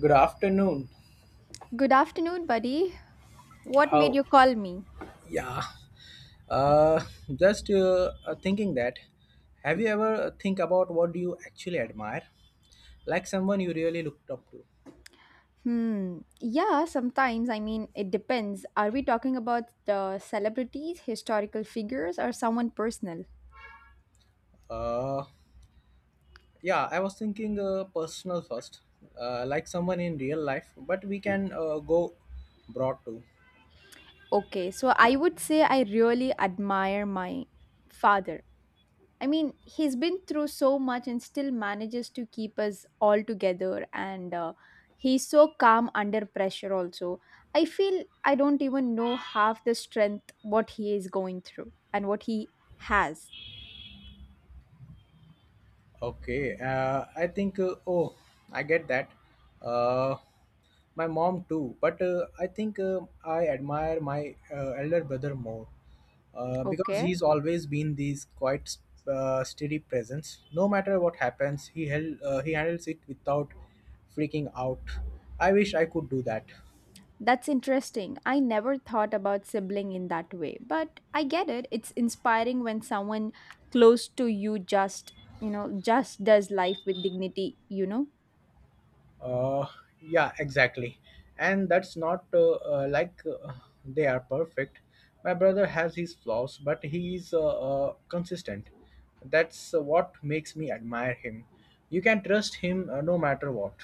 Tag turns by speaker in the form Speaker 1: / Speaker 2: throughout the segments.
Speaker 1: Good afternoon.
Speaker 2: Good afternoon, buddy. What made
Speaker 1: How?
Speaker 2: you call me?
Speaker 1: Yeah. Uh, just thinking that. Have you ever think about what do you actually admire, like someone you really looked up to?
Speaker 2: Hmm. Yeah, sometimes. It depends. Are we talking about the celebrities, historical figures, or someone personal?
Speaker 1: Uh, yeah. I was thinking personal first, like someone in real life, but we can go broad too.
Speaker 2: Okay, so I would say I really admire my father. He's been through so much and still manages to keep us all together, and he's so calm under pressure, also. I feel I don't even know half the strength what he is going through and what he has.
Speaker 1: Okay, I think, I get that. Uh, my mom too, but I think I admire my elder brother more, because
Speaker 2: Okay,
Speaker 1: he's always been this quite steady presence. No matter what happens, he handles it without freaking out. I wish I could do that.
Speaker 2: that's interesting. I never thought about sibling in that way, but I get it. It's inspiring when someone close to you just, just does life with dignity, you know?
Speaker 1: Uh, yeah, exactly. And that's not like they are perfect. My brother has his flaws, but he is consistent. That's what makes me admire him. You can trust him, no matter what.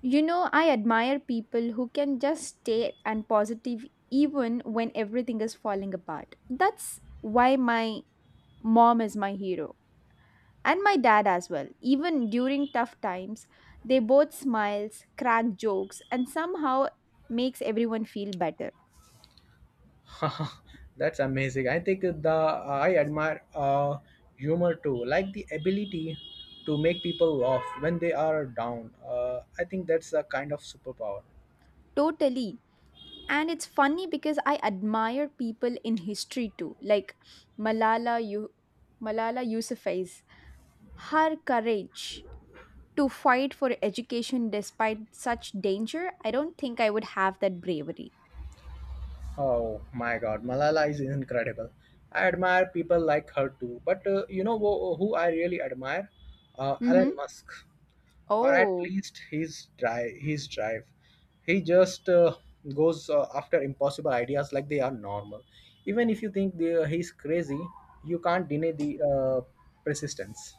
Speaker 2: You know, I admire people who can just stay and positive even when everything is falling apart. That's why my mom is my hero and my dad as well. Even during tough times, they both smiles, crack jokes and somehow makes everyone feel better.
Speaker 1: That's amazing. I think the I admire humor too, like the ability to make people laugh when they are down. I think that's a kind of superpower.
Speaker 2: Totally. And it's funny because I admire people in history too, like Malala you Malala Yousafzai. Her courage to fight for education despite such danger, I don't think I would have that bravery.
Speaker 1: Oh my God, Malala is incredible. I admire people like her too. But you know who I really admire? Elon
Speaker 2: Mm-hmm.
Speaker 1: Musk, or at
Speaker 2: Oh.
Speaker 1: least his drive. His drive. He just goes after impossible ideas like they are normal. Even if you think he's crazy, you can't deny the persistence.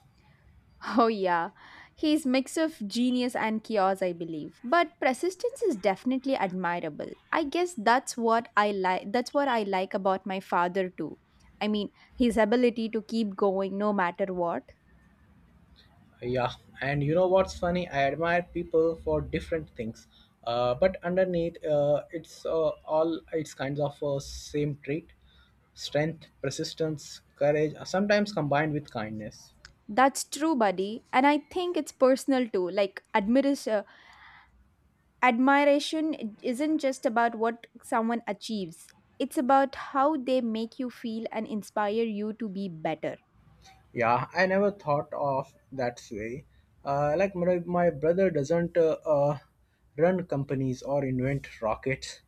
Speaker 2: Oh, yeah. He's mix of genius and chaos, I believe. But persistence is definitely admirable. I guess that's what I like about my father too. I mean, his ability to keep going no matter what.
Speaker 1: Yeah, and you know what's funny? I admire people for different things, but underneath, it's all it's kinds of same trait: strength, persistence, courage, sometimes combined with kindness.
Speaker 2: That's true, buddy. And I think it's personal too. Like admiration isn't just about what someone achieves. It's about how they make you feel and inspire you to be better.
Speaker 1: Yeah, I never thought of that way. Like my brother doesn't run companies or invent rockets,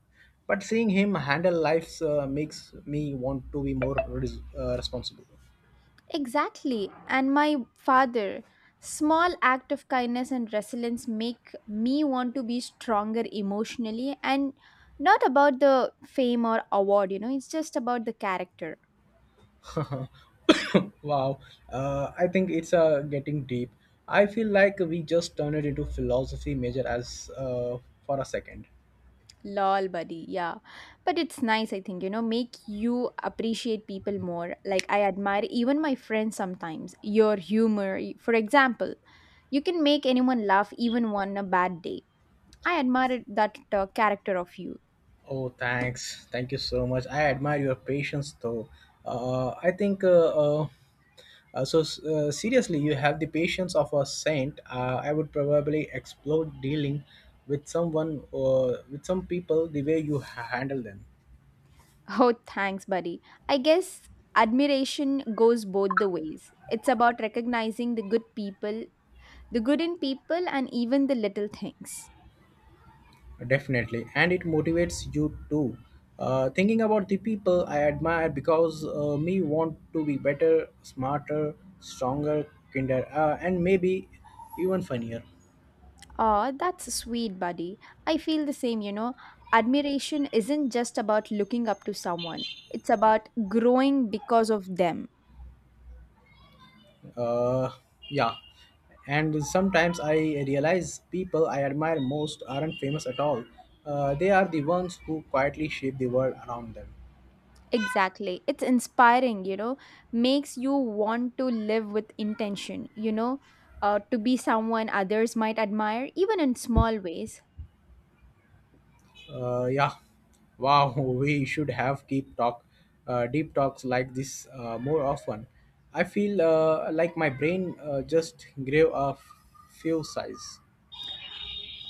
Speaker 1: but seeing him handle lives makes me want to be more responsible.
Speaker 2: Exactly. And my father, small act of kindness and resilience make me want to be stronger emotionally and not about the fame or award, you know, it's just about the character.
Speaker 1: Wow, I think it's getting deep. I feel like we just turned it into philosophy major as for a second.
Speaker 2: Lol, buddy. Yeah. But it's nice, I think, you know, make you appreciate people more. Like, I admire even my friends sometimes, your humor. For example, you can make anyone laugh even on a bad day. I admire that character of you.
Speaker 1: Oh, thanks. Thank you so much. I admire your patience, though. I think uh, so. Seriously, you have the patience of a saint. I would probably explode dealing with someone or with some people the way you handle them.
Speaker 2: Oh, thanks, buddy. I guess admiration goes both the ways. It's about recognizing the good people, the good in people, and even the little things.
Speaker 1: Definitely, and it motivates you too. Thinking about the people I admire because me want to be better, smarter, stronger, kinder, and maybe even funnier.
Speaker 2: Aw, that's sweet, buddy. I feel the same, you know. Admiration isn't just about looking up to someone, it's about growing because of them.
Speaker 1: Uh, yeah, and sometimes I realize people I admire most aren't famous at all. They are the ones who quietly shape the world around them.
Speaker 2: Exactly. It's inspiring, you know, makes you want to live with intention, to be someone others might admire, even in small ways.
Speaker 1: Yeah. Wow, we should have deep talk, deep talks like this more often. I feel like my brain just grew a few size.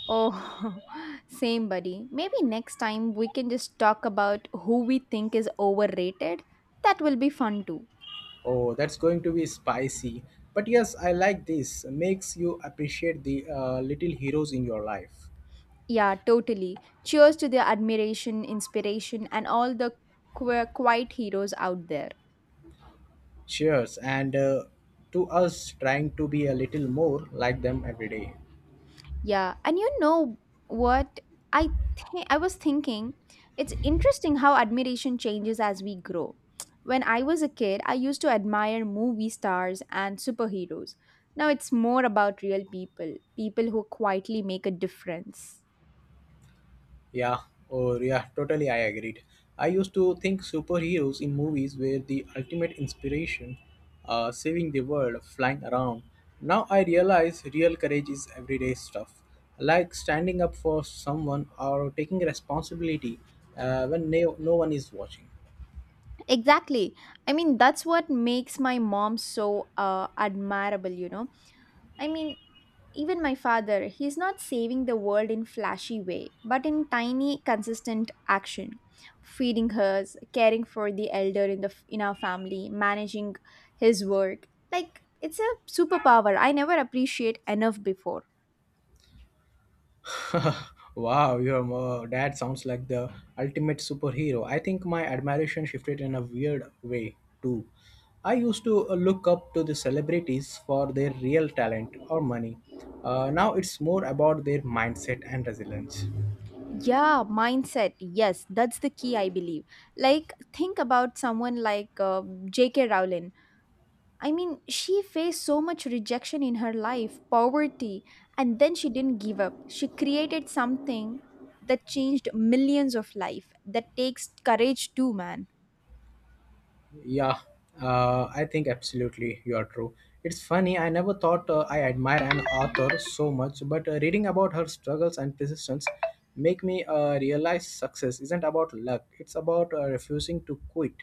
Speaker 2: Oh, same, buddy. Maybe next time we can just talk about who we think is overrated. That will be fun too.
Speaker 1: Oh, that's going to be spicy. But yes, I like this. Makes you appreciate the little heroes in your life.
Speaker 2: Yeah, totally. Cheers to the admiration, inspiration, and all the quiet heroes out there.
Speaker 1: Cheers, and to us trying to be a little more like them every day.
Speaker 2: Yeah, and you know what I think I was thinking it's interesting how admiration changes as we grow. When I was a kid, I used to admire movie stars and superheroes. Now it's more about real people, people who quietly make a difference.
Speaker 1: Yeah, or yeah, totally I agreed. I used to think superheroes in movies were the ultimate inspiration, saving the world, flying around. Now I realize real courage is everyday stuff, like standing up for someone or taking responsibility when no one is watching.
Speaker 2: Exactly. That's what makes my mom so admirable, you know. I mean, Even my father, he's not saving the world in flashy way, but in tiny consistent action. Feeding hers, caring for the elder in the in our family, managing his work. Like it's a superpower I never appreciate enough before.
Speaker 1: Wow, your dad sounds like the ultimate superhero. I think my admiration shifted in a weird way too. I used to look up to the celebrities for their real talent or money. Now it's more about their mindset and resilience.
Speaker 2: Yeah, mindset. Yes, that's the key I believe. Like think about someone like J.K. Rowling. I mean, she faced so much rejection in her life, poverty, and then she didn't give up. She created something that changed millions of life. That takes courage too, man.
Speaker 1: Yeah, I think absolutely you are true. It's funny, I never thought I admire an author so much, but reading about her struggles and persistence make me realize success isn't about luck. It's about refusing to quit,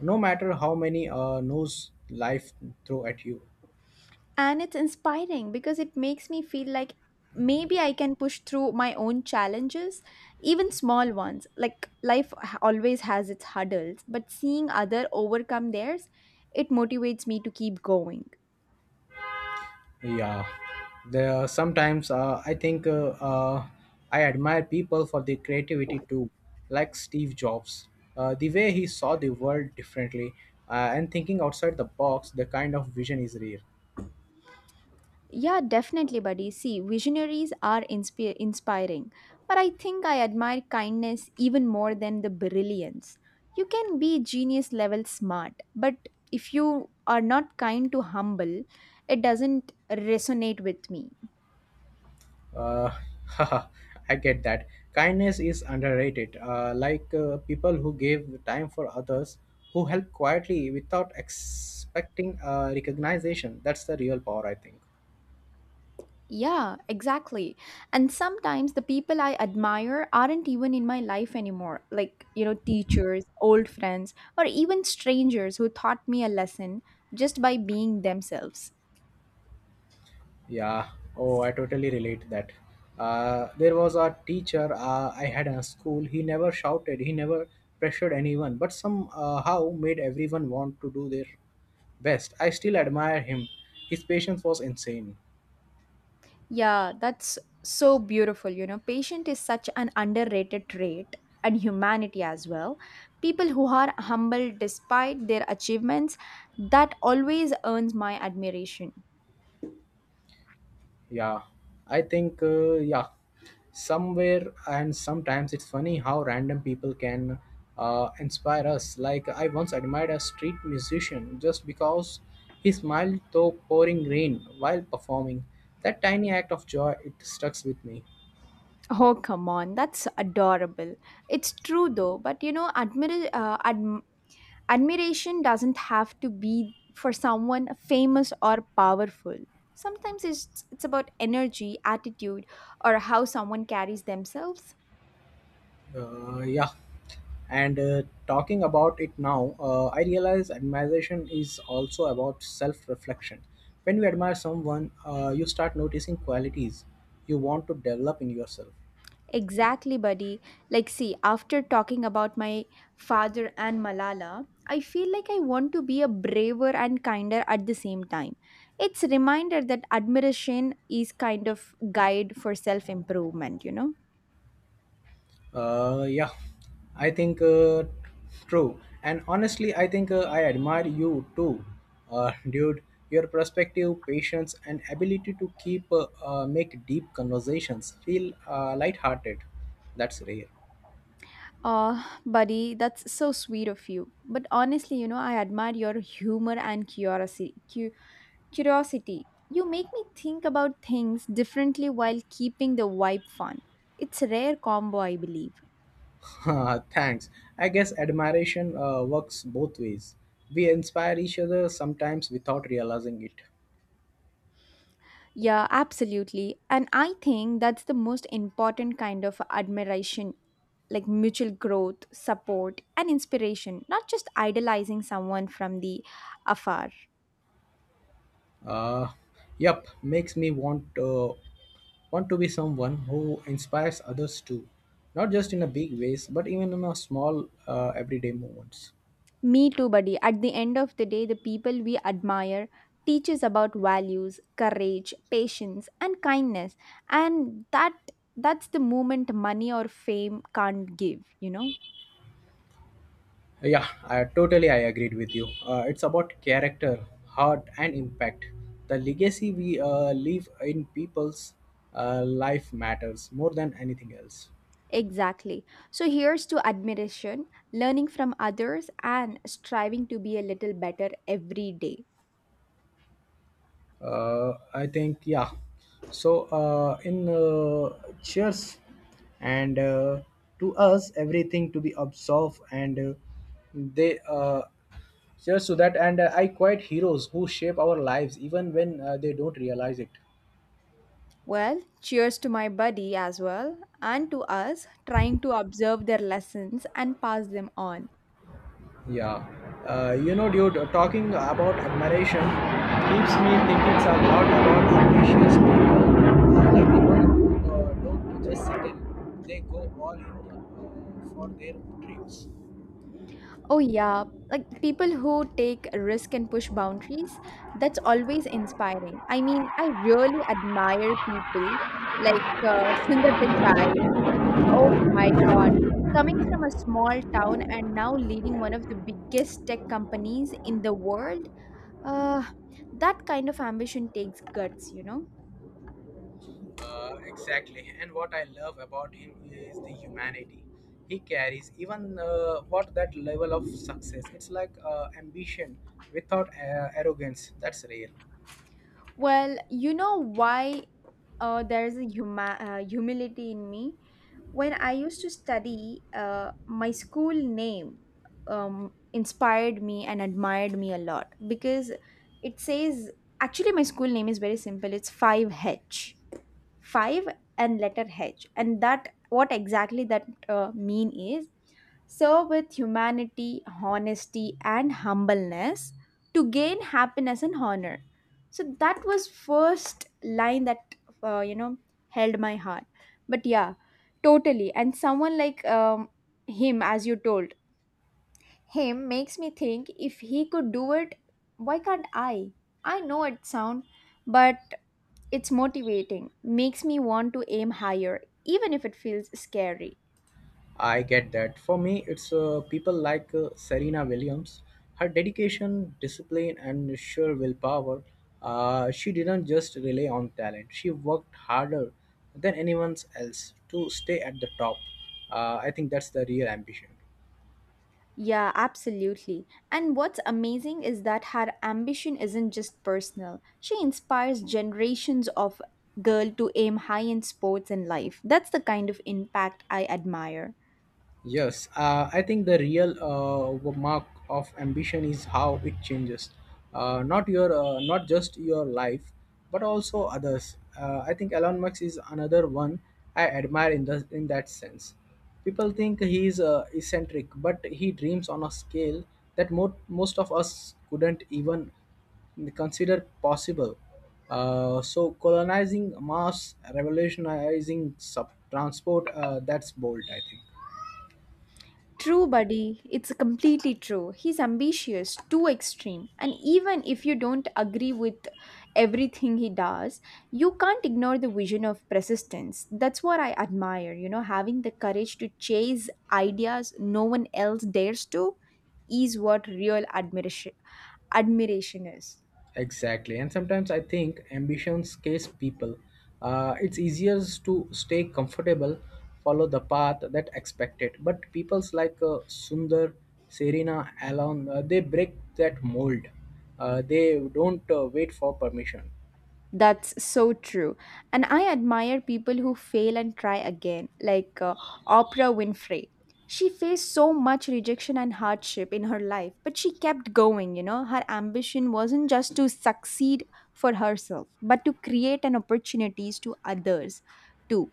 Speaker 1: no matter how many no's life throw at you.
Speaker 2: And it's inspiring because it makes me feel like maybe I can push through my own challenges, even small ones. Like always has its hurdles, but seeing other overcome theirs, it motivates me to keep going.
Speaker 1: Yeah, there sometimes I admire people for their creativity too, like Steve Jobs. The way he saw the world differently and thinking outside the box, the kind of vision is rare.
Speaker 2: Yeah, definitely, buddy. See, visionaries are inspi inspiring, but I think I admire kindness even more than the brilliance. You can be genius level smart, but if you are not kind to humble, it doesn't resonate with me.
Speaker 1: Uh, I get that. Kindness is underrated. Like people who give time for others, who help quietly without expecting recognition. That's the real power, I think.
Speaker 2: Yeah, exactly. And sometimes the people I admire aren't even in my life anymore, like, you know, teachers, old friends, or even strangers who taught me a lesson just by being themselves.
Speaker 1: Yeah. Oh, I totally relate that. There was a teacher I had in a school. He never shouted. He never pressured anyone, but somehow made everyone want to do their best. I still admire him. His patience was insane.
Speaker 2: Yeah, that's so beautiful. You know, patient is such an underrated trait and humanity as well. People who are humble despite their achievements, that always earns my admiration.
Speaker 1: Yeah, I think, somewhere and sometimes it's funny how random people can inspire us. Like, I once admired a street musician just because he smiled though pouring rain while performing. That tiny act of joy, it stuck with me.
Speaker 2: Oh, come on, that's adorable. It's true though, but you know, admiration doesn't have to be for someone famous or powerful. Sometimes it's about energy, attitude, or how someone carries themselves.
Speaker 1: Yeah, and talking about it now, I realize admiration is also about self reflection. When you admire someone, you start noticing qualities you want to develop in yourself.
Speaker 2: Exactly, buddy. Like, see, after talking about my father and Malala, I feel like I want to be a braver and kinder at the same time. It's a reminder that admiration is kind of guide for self-improvement, you know?
Speaker 1: Yeah, I think true. And honestly, I think I admire you too, dude. Your perspective, patience, and ability to keep make deep conversations feel lighthearted. That's rare.
Speaker 2: Buddy, that's so sweet of you. But honestly, you know, I admire your humor and curiosity. You make me think about things differently while keeping the vibe fun. It's a rare combo, I believe.
Speaker 1: Thanks. I guess admiration works both ways. We inspire each other sometimes without realizing it.
Speaker 2: Yeah, absolutely. And I think that's the most important kind of admiration like mutual growth, support, and inspiration, not just idolizing someone from the afar.
Speaker 1: Uh, yep, makes me want to be someone who inspires others too, not just in a big ways, but even in a small everyday moments.
Speaker 2: Me too, buddy. At the end of the day, the people we admire teach us about values, courage, patience, and kindness. And that's the moment money or fame can't give, you know?
Speaker 1: Yeah, I totally I agreed with you. It's about character, heart, and impact. The legacy we leave in people's life matters more than anything else.
Speaker 2: Exactly. So here's to admiration, learning from others, and striving to be a little better every day.
Speaker 1: I think yeah. So in cheers, and to us everything to be absolved, and they cheers to that. And I quite heroes who shape our lives even when they don't realize it.
Speaker 2: Well, cheers to my buddy as well, and to us trying to observe their lessons and pass them on.
Speaker 1: Yeah, you know, dude, talking about admiration keeps me thinking a lot about ambitious people. Like people who don't just settle, they go all in for their dreams.
Speaker 2: Oh, yeah, like people who take risk and push boundaries, that's always inspiring. I mean, I really admire people like Sundar Pichai. Oh my God. Coming from a small town and now leading one of the biggest tech companies in the world, uh, that kind of ambition takes guts, you know?
Speaker 1: Exactly, and what I love about him is the humanity he carries. Even what that level of success, it's like ambition without arrogance. That's rare.
Speaker 2: Well, you know why humility in me. When I used to study, my school name inspired me and admired me a lot because it says, actually, my school name is very simple, it's 5H, 5 and letter h, and that what exactly that mean is serve with humanity, honesty and humbleness to gain happiness and honor. So that was first line that, you know, held my heart. But yeah, totally, and someone like him, as you told him, makes me think if he could do it, why can't I? I know it sound, but it's motivating, makes me want to aim higher, even if it feels scary.
Speaker 1: I get that. For me, it's people like Serena Williams. Her dedication, discipline, and sheer willpower. She didn't just rely on talent. She worked harder than anyone else to stay at the top. I think that's the real ambition.
Speaker 2: Yeah, absolutely. And what's amazing is that her ambition isn't just personal. She inspires generations of girls to aim high in sports and life. That's the kind of impact I admire.
Speaker 1: Yes, I think the real mark of ambition is how it changes, not just your life, but also others. I think Elon Musk is another one I admire in that sense. People think he is eccentric, but he dreams on a scale that most of us couldn't even consider possible. So colonizing Mars, revolutionizing transport, that's bold, I think.
Speaker 2: True, buddy. It's completely true. He's ambitious, too extreme. And even if you don't agree with everything he does, you can't ignore the vision of persistence. That's what I admire, you know, having the courage to chase ideas no one else dares to is what real admiration is.
Speaker 1: Exactly. And sometimes I think ambition scares people. It's easier to stay comfortable, follow the path that expected. But people's like Sundar, Serena, Alon, they break that mold. They don't wait for permission.
Speaker 2: That's so true. And I admire people who fail and try again, like Oprah Winfrey. She faced so much rejection and hardship in her life, but she kept going, you know. Her ambition wasn't just to succeed for herself, but to create an opportunities to others too.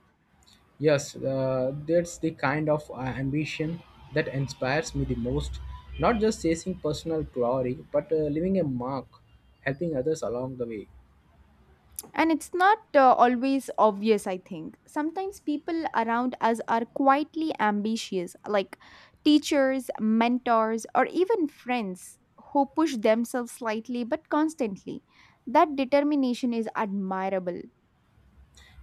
Speaker 1: Yes, that's the kind of ambition that inspires me the most. Not just chasing personal glory, but leaving a mark, helping others along the way.
Speaker 2: And it's not always obvious, I think. Sometimes people around us are quietly ambitious, like teachers, mentors, or even friends who push themselves slightly but constantly. That determination is admirable.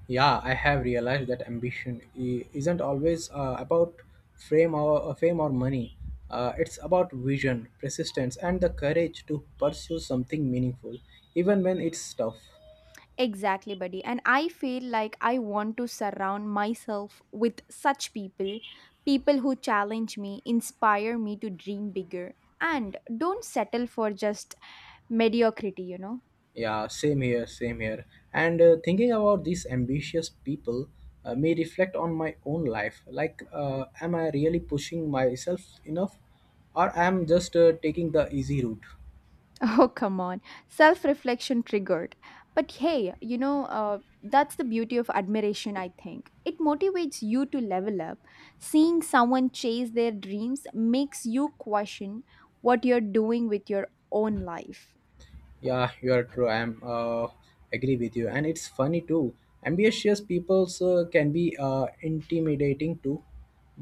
Speaker 1: Yeah, I have realized that ambition isn't always about fame or money. It's about vision, persistence, and the courage to pursue something meaningful, even when it's tough.
Speaker 2: Exactly, buddy. And I feel like I want to surround myself with such people who challenge me, inspire me to dream bigger, and don't settle for just mediocrity, you know?
Speaker 1: Yeah, same here. And thinking about these ambitious people may reflect on my own life. Like, am I really pushing myself enough, or am I just taking the easy route?
Speaker 2: Oh, come on. Self reflection triggered. But hey, you know, that's the beauty of admiration, I think. It motivates you to level up. Seeing someone chase their dreams makes you question what you're doing with your own life.
Speaker 1: Yeah, you are true. I'm agree with you, and it's funny too. Ambitious peoples can be intimidating too,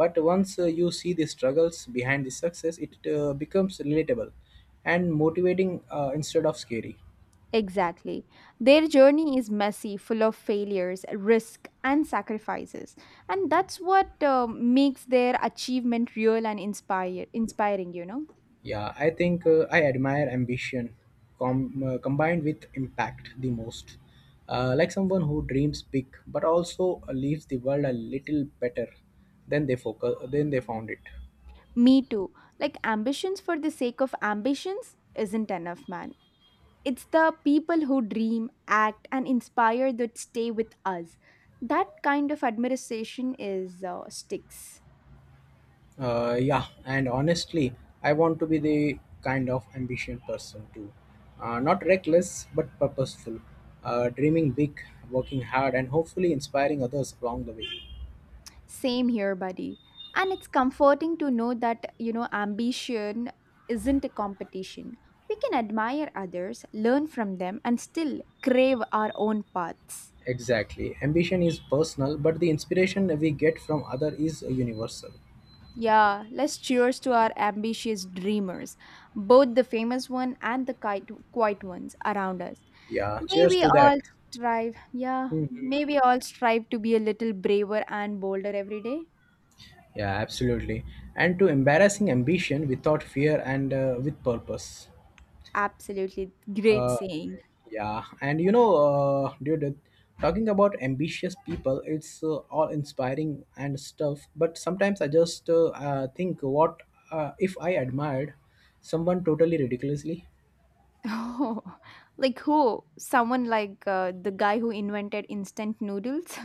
Speaker 1: but once you see the struggles behind the success, it becomes relatable and motivating instead of scary.
Speaker 2: Exactly. Their journey is messy, full of failures, risk, and sacrifices. And that's what makes their achievement real and inspiring, you know?
Speaker 1: Yeah, I think I admire ambition combined with impact the most. Like someone who dreams big but also leaves the world a little better than they found it.
Speaker 2: Me too. Like, ambitions for the sake of ambitions isn't enough, man. It's the people who dream, act, and inspire that stay with us. That kind of admiration is sticks.
Speaker 1: Yeah, and honestly, I want to be the kind of ambitious person too. Not reckless, but purposeful. Dreaming big, working hard, and hopefully inspiring others along the way.
Speaker 2: Same here, buddy. And it's comforting to know that, you know, ambition isn't a competition. We can admire others, learn from them, and still crave our own paths.
Speaker 1: Exactly. Ambition is personal, but the inspiration we get from other is universal.
Speaker 2: Yeah, let's cheers to our ambitious dreamers, both the famous one and the quite quiet ones around us.
Speaker 1: Yeah,
Speaker 2: May
Speaker 1: cheers
Speaker 2: we
Speaker 1: to that.
Speaker 2: all
Speaker 1: Mhm.
Speaker 2: may we all strive to be a little braver and bolder every day.
Speaker 1: Yeah, absolutely. And to embarrassing ambition without fear and with purpose.
Speaker 2: Absolutely great
Speaker 1: Uh,
Speaker 2: saying.
Speaker 1: yeah, and you know, dude, talking about ambitious people, it's all inspiring and stuff. But sometimes I just think, what if I admired someone totally ridiculously?
Speaker 2: Oh, like who? Someone like the guy who invented instant noodles?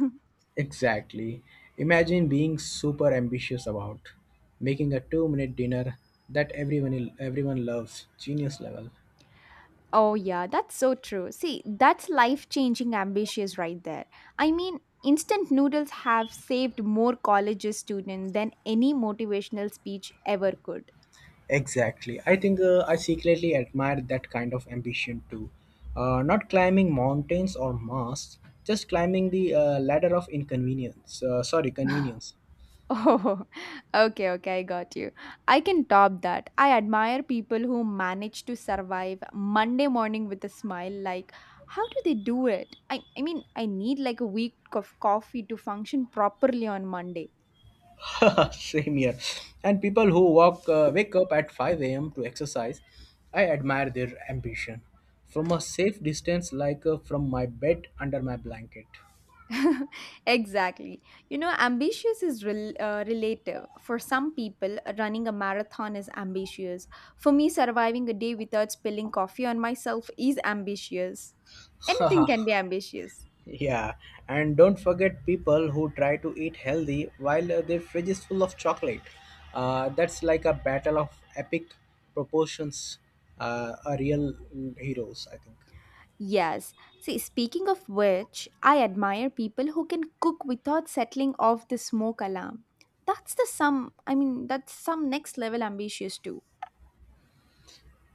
Speaker 1: Exactly. Imagine being super ambitious about making a two-minute dinner that everyone loves. Genius level.
Speaker 2: Oh, yeah, that's so true. See, that's life changing ambitions right there. I mean, instant noodles have saved more colleges students than any motivational speech ever could.
Speaker 1: Exactly. I think I secretly admire that kind of ambition too. Not climbing mountains or masts, just climbing the ladder of inconvenience. Sorry, convenience.
Speaker 2: Oh, okay, okay, I got you. I can top that. I admire people who manage to survive Monday morning with a smile. Like, how do they do it? I mean, I need like a week of coffee to function properly on Monday.
Speaker 1: Same here. And people who wake up at 5 a.m. to exercise, I admire their ambition. From a safe distance, like from my bed under my blanket.
Speaker 2: Exactly. You know, ambitious is relative. For some people, running a marathon is ambitious. For me, surviving a day without spilling coffee on myself is ambitious. Anything can be ambitious.
Speaker 1: Yeah, and don't forget people who try to eat healthy while their fridge is full of chocolate. That's like a battle of epic proportions. A real heroes, I think.
Speaker 2: Yes. See, speaking of which, I admire people who can cook without settling off the smoke alarm. That's the some, I mean, That's some next level ambitious too.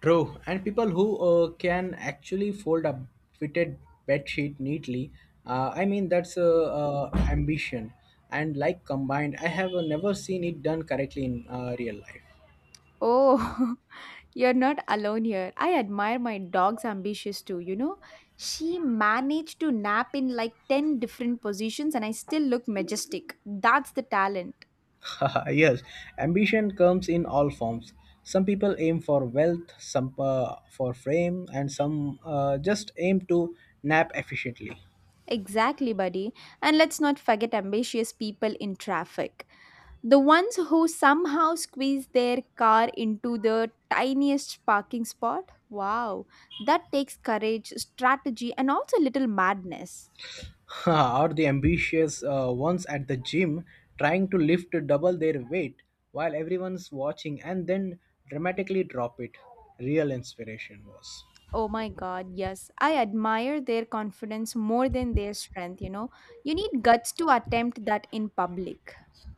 Speaker 1: True, and people who can actually fold a fitted bed sheet neatly. I mean, that's ambition. And like combined, I have never seen it done correctly in real life.
Speaker 2: Oh, you're not alone here. I admire my dog's ambitious too, you know? She managed to nap in like 10 different positions and I still look majestic. That's the talent.
Speaker 1: Yes, ambition comes in all forms. Some people aim for wealth, some for fame, and some just aim to nap efficiently.
Speaker 2: Exactly, buddy. And let's not forget ambitious people in traffic. The ones who somehow squeeze their car into the tiniest parking spot? Wow, that takes courage, strategy, and also a little madness.
Speaker 1: Or the ambitious ones at the gym trying to lift double their weight while everyone's watching and then dramatically drop it. Real inspiration was.
Speaker 2: Oh my god, yes. I admire their confidence more than their strength, you know. You need guts to attempt that in public.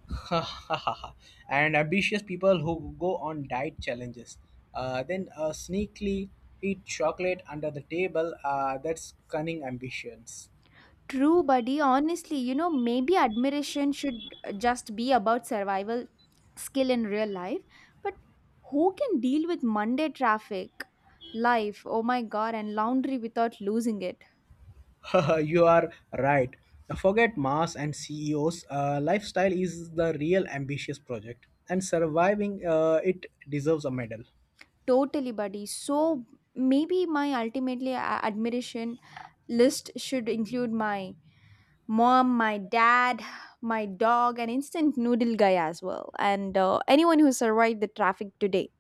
Speaker 1: And ambitious people who go on diet challenges, then sneakily eat chocolate under the table. That's cunning ambitions.
Speaker 2: True, buddy. Honestly, you know, maybe admiration should just be about survival skill in real life. But who can deal with Monday traffic, life, oh my god, and laundry without losing it?
Speaker 1: You are right. Forget Mars and CEOs. Lifestyle is the real ambitious project, and surviving it deserves a medal.
Speaker 2: Totally, buddy. So maybe my admiration list should include my mom, my dad, my dog, and instant noodle guy as well, and anyone who survived the traffic today.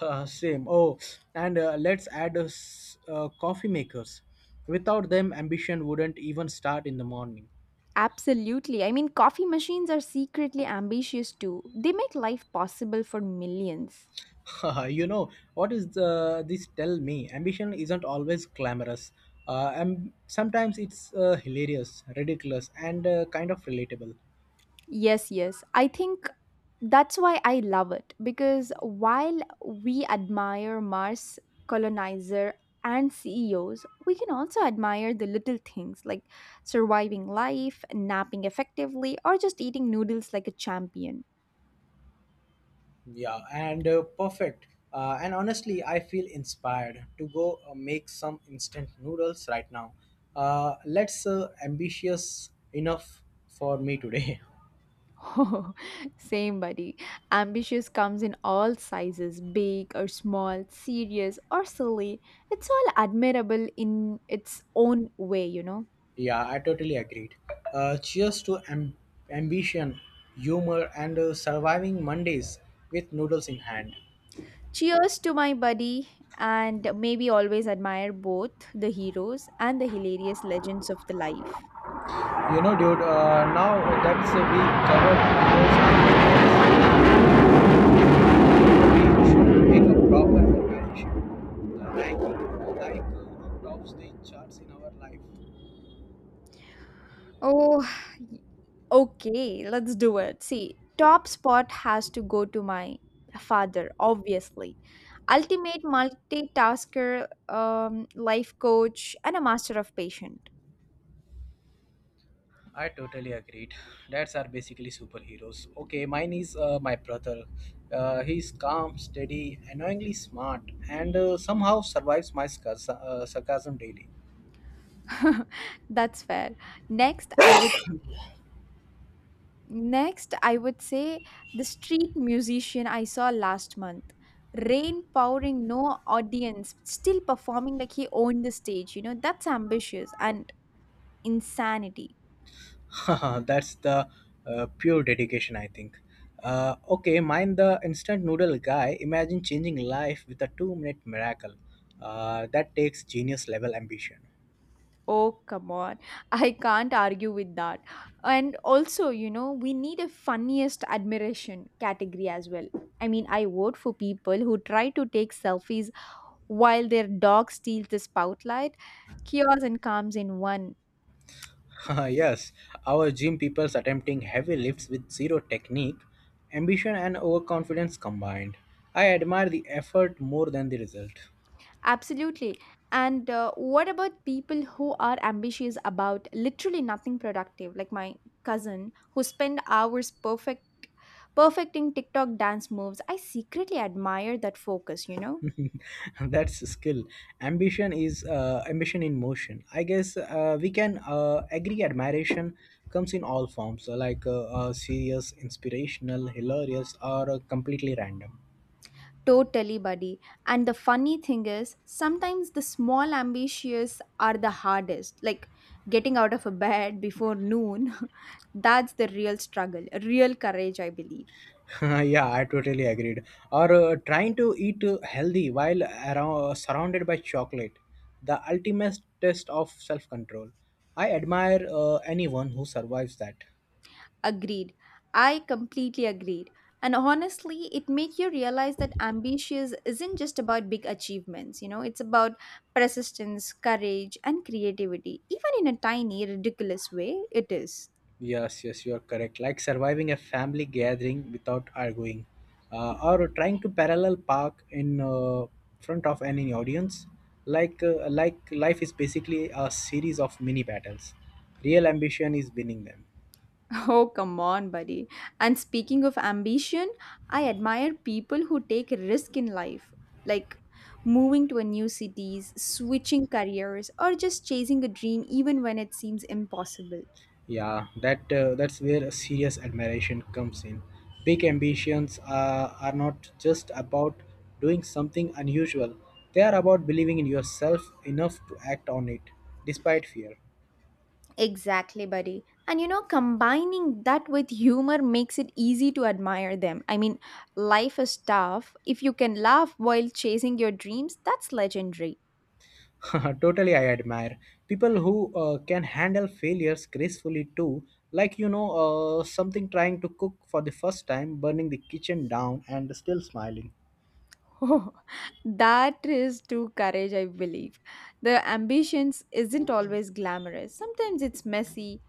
Speaker 1: Same. Oh, and let's add coffee makers. Without them, ambition wouldn't even start in the morning.
Speaker 2: Absolutely. I mean, coffee machines are secretly ambitious too. They make life possible for millions.
Speaker 1: You know what is the, this tell me ambition isn't always glamorous and sometimes it's hilarious ridiculous and kind of relatable.
Speaker 2: Yes, yes. I think that's why I love it because while we admire Mars colonizer and CEOs, we can also admire the little things like surviving life, napping effectively, or just eating noodles like a champion.
Speaker 1: Yeah, and perfect. And honestly, I feel inspired to go make some instant noodles right now. Let's ambitious enough for me today.
Speaker 2: Oh, same buddy. Ambitious comes in all sizes, big or small, serious or silly. It's all admirable in its own way, you know.
Speaker 1: Yeah, I totally agreed. Cheers to ambition, humor, and surviving Mondays with noodles in hand.
Speaker 2: Cheers to my buddy, and maybe always admire both the heroes and the hilarious legends of the life.
Speaker 1: You know, dude, now that's we covered those, things, we should pick a proper healthcare issue. Like, like, tops the charts in our life.
Speaker 2: Oh, okay, let's do it. See, top spot has to go to my father, obviously. Ultimate multitasker, life coach, and a master of patient.
Speaker 1: I totally agreed. Dads are basically superheroes. Okay, mine is my brother. He's calm, steady, annoyingly smart, and somehow survives my sarcasm daily.
Speaker 2: That's fair. Next, I would Next I would say the street musician I saw last month. Rain pouring, no audience, still performing like he owned the stage. You know, that's ambitious and insanity.
Speaker 1: That's the pure dedication, I think. Okay, mind the instant noodle guy. Imagine changing life with a two-minute miracle. That takes genius-level ambition.
Speaker 2: Oh, come on. I can't argue with that. And also, you know, we need a funniest admiration category as well. I mean, I vote for people who try to take selfies while their dog steals the spotlight, chaos and calms in one.
Speaker 1: Yes, our gym people's attempting heavy lifts with zero technique, ambition, and overconfidence combined. I admire the effort more than the result.
Speaker 2: Absolutely. And what about people who are ambitious about literally nothing productive, like my cousin who spend hours perfecting TikTok dance moves? I secretly admire that focus, you know?
Speaker 1: That's a skill. Ambition is ambition in motion, I guess. We can agree admiration comes in all forms, like serious, inspirational, hilarious, or completely random.
Speaker 2: Totally, buddy. And the funny thing is, sometimes the small ambitious are the hardest. Like getting out of a bed before noon, that's the real struggle, real courage, I believe.
Speaker 1: Yeah, I totally agreed. Or trying to eat healthy while around, surrounded by chocolate, the ultimate test of self-control. I admire anyone who survives that.
Speaker 2: Agreed. I completely agreed. And honestly, it makes you realize that ambitious isn't just about big achievements, you know, it's about persistence, courage, and creativity. Even in a tiny, ridiculous way, it is.
Speaker 1: Yes, yes, you are correct. Like surviving a family gathering without arguing, or trying to parallel park in front of any audience. Like, like life is basically a series of mini battles. Real ambition is winning them.
Speaker 2: Oh, come on, buddy. And speaking of ambition, I admire people who take risk in life, like moving to a new cities, switching careers, or just chasing a dream even when it seems impossible.
Speaker 1: Yeah, that's where serious admiration comes in. Big ambitions are not just about doing something unusual. They are about believing in yourself enough to act on it despite fear.
Speaker 2: Exactly, buddy. And you know, combining that with humor makes it easy to admire them. I mean, life is tough. If you can laugh while chasing your dreams, that's legendary.
Speaker 1: Totally, I admire people who can handle failures gracefully too, like, you know, something trying to cook for the first time, burning the kitchen down and still smiling.
Speaker 2: Oh, that is true courage, I believe. The ambitions isn't always glamorous. Sometimes it's messy,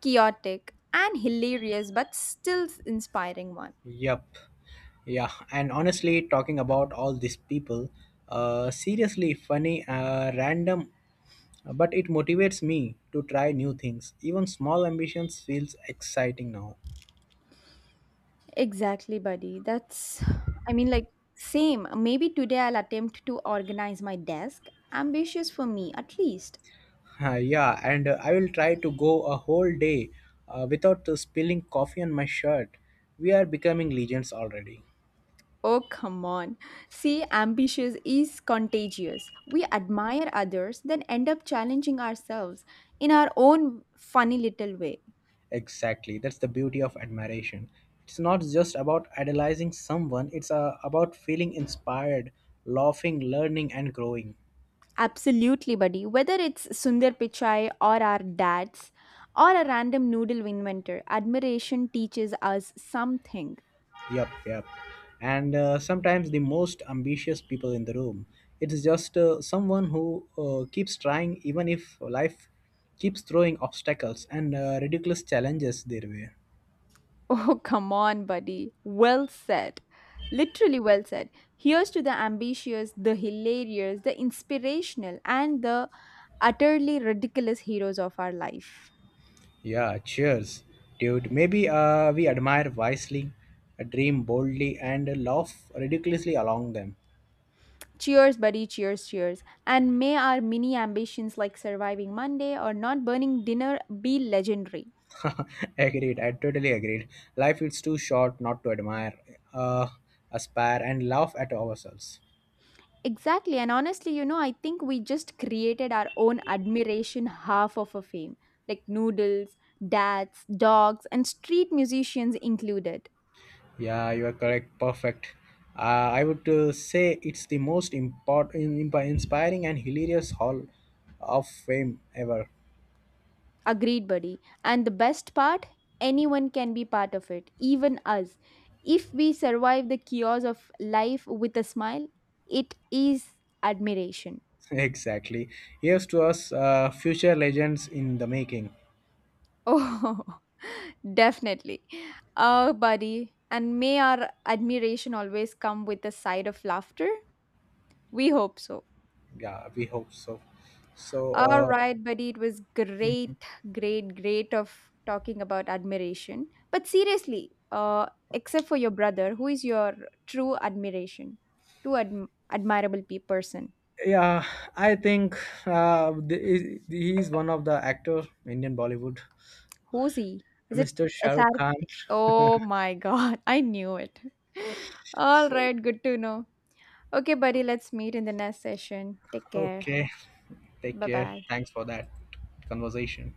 Speaker 2: chaotic, and hilarious, but still inspiring one.
Speaker 1: Yep. Yeah, and honestly talking about all these people, seriously funny, random, but it motivates me to try new things. Even small ambitions feels exciting now.
Speaker 2: Exactly, buddy. That's, I mean, like, Same. Maybe today I'll attempt to organize my desk. Ambitious for me, at least.
Speaker 1: Yeah, and I will try to go a whole day without spilling coffee on my shirt. We are becoming legions already.
Speaker 2: Oh, come on. See, ambitious is contagious. We admire others, then end up challenging ourselves in our own funny little way.
Speaker 1: Exactly, that's the beauty of admiration. It's not just about idolizing someone, it's about feeling inspired, laughing, learning, and growing.
Speaker 2: Absolutely, buddy. Whether it's Sundar Pichai or our dads or a random noodle inventor, admiration teaches us something.
Speaker 1: Yep, yep. And sometimes the most ambitious people in the room. It's just someone who keeps trying even if life keeps throwing obstacles and ridiculous challenges their way.
Speaker 2: Oh, come on, buddy. Well said. Literally well said. Here's to the ambitious, the hilarious, the inspirational, and the utterly ridiculous heroes of our life.
Speaker 1: Yeah, cheers, dude. Maybe we admire wisely, dream boldly, and laugh ridiculously along them.
Speaker 2: Cheers, buddy. Cheers, cheers. And may our mini ambitions like surviving Monday or not burning dinner be legendary.
Speaker 1: Agreed. I totally agreed. Life is too short not to admire, uh, aspire, and laugh at ourselves.
Speaker 2: Exactly. And honestly, you know, I think we just created our own admiration half of a fame, like noodles, dads, dogs, and street musicians included.
Speaker 1: Yeah, you are correct. Perfect. Uh, I would say it's the most important, inspiring, and hilarious hall of fame ever.
Speaker 2: Agreed, buddy. And the best part, anyone can be part of it, even us. If we survive the chaos of life with a smile, it is admiration.
Speaker 1: Exactly. Here's to us, future legends in the making.
Speaker 2: Oh, definitely. Oh, buddy. And may our admiration always come with a side of laughter. We hope so.
Speaker 1: Yeah, we hope so. So
Speaker 2: All
Speaker 1: uh,
Speaker 2: right, buddy. It was great, great, great of talking about admiration. But seriously, except for your brother, who is your true admiration, true admirable person?
Speaker 1: yeah, I think, he he is one of the actor, Indian Bollywood,
Speaker 2: Who's he? Is it
Speaker 1: Mr.
Speaker 2: SR?
Speaker 1: Shahrukh Khan.
Speaker 2: Oh my God, I knew it. All
Speaker 1: So
Speaker 2: right, good to know. Okay, buddy. Let's meet in the next session. Take care.
Speaker 1: okay, take
Speaker 2: Bye
Speaker 1: care.
Speaker 2: bye.
Speaker 1: Thanks for that conversation.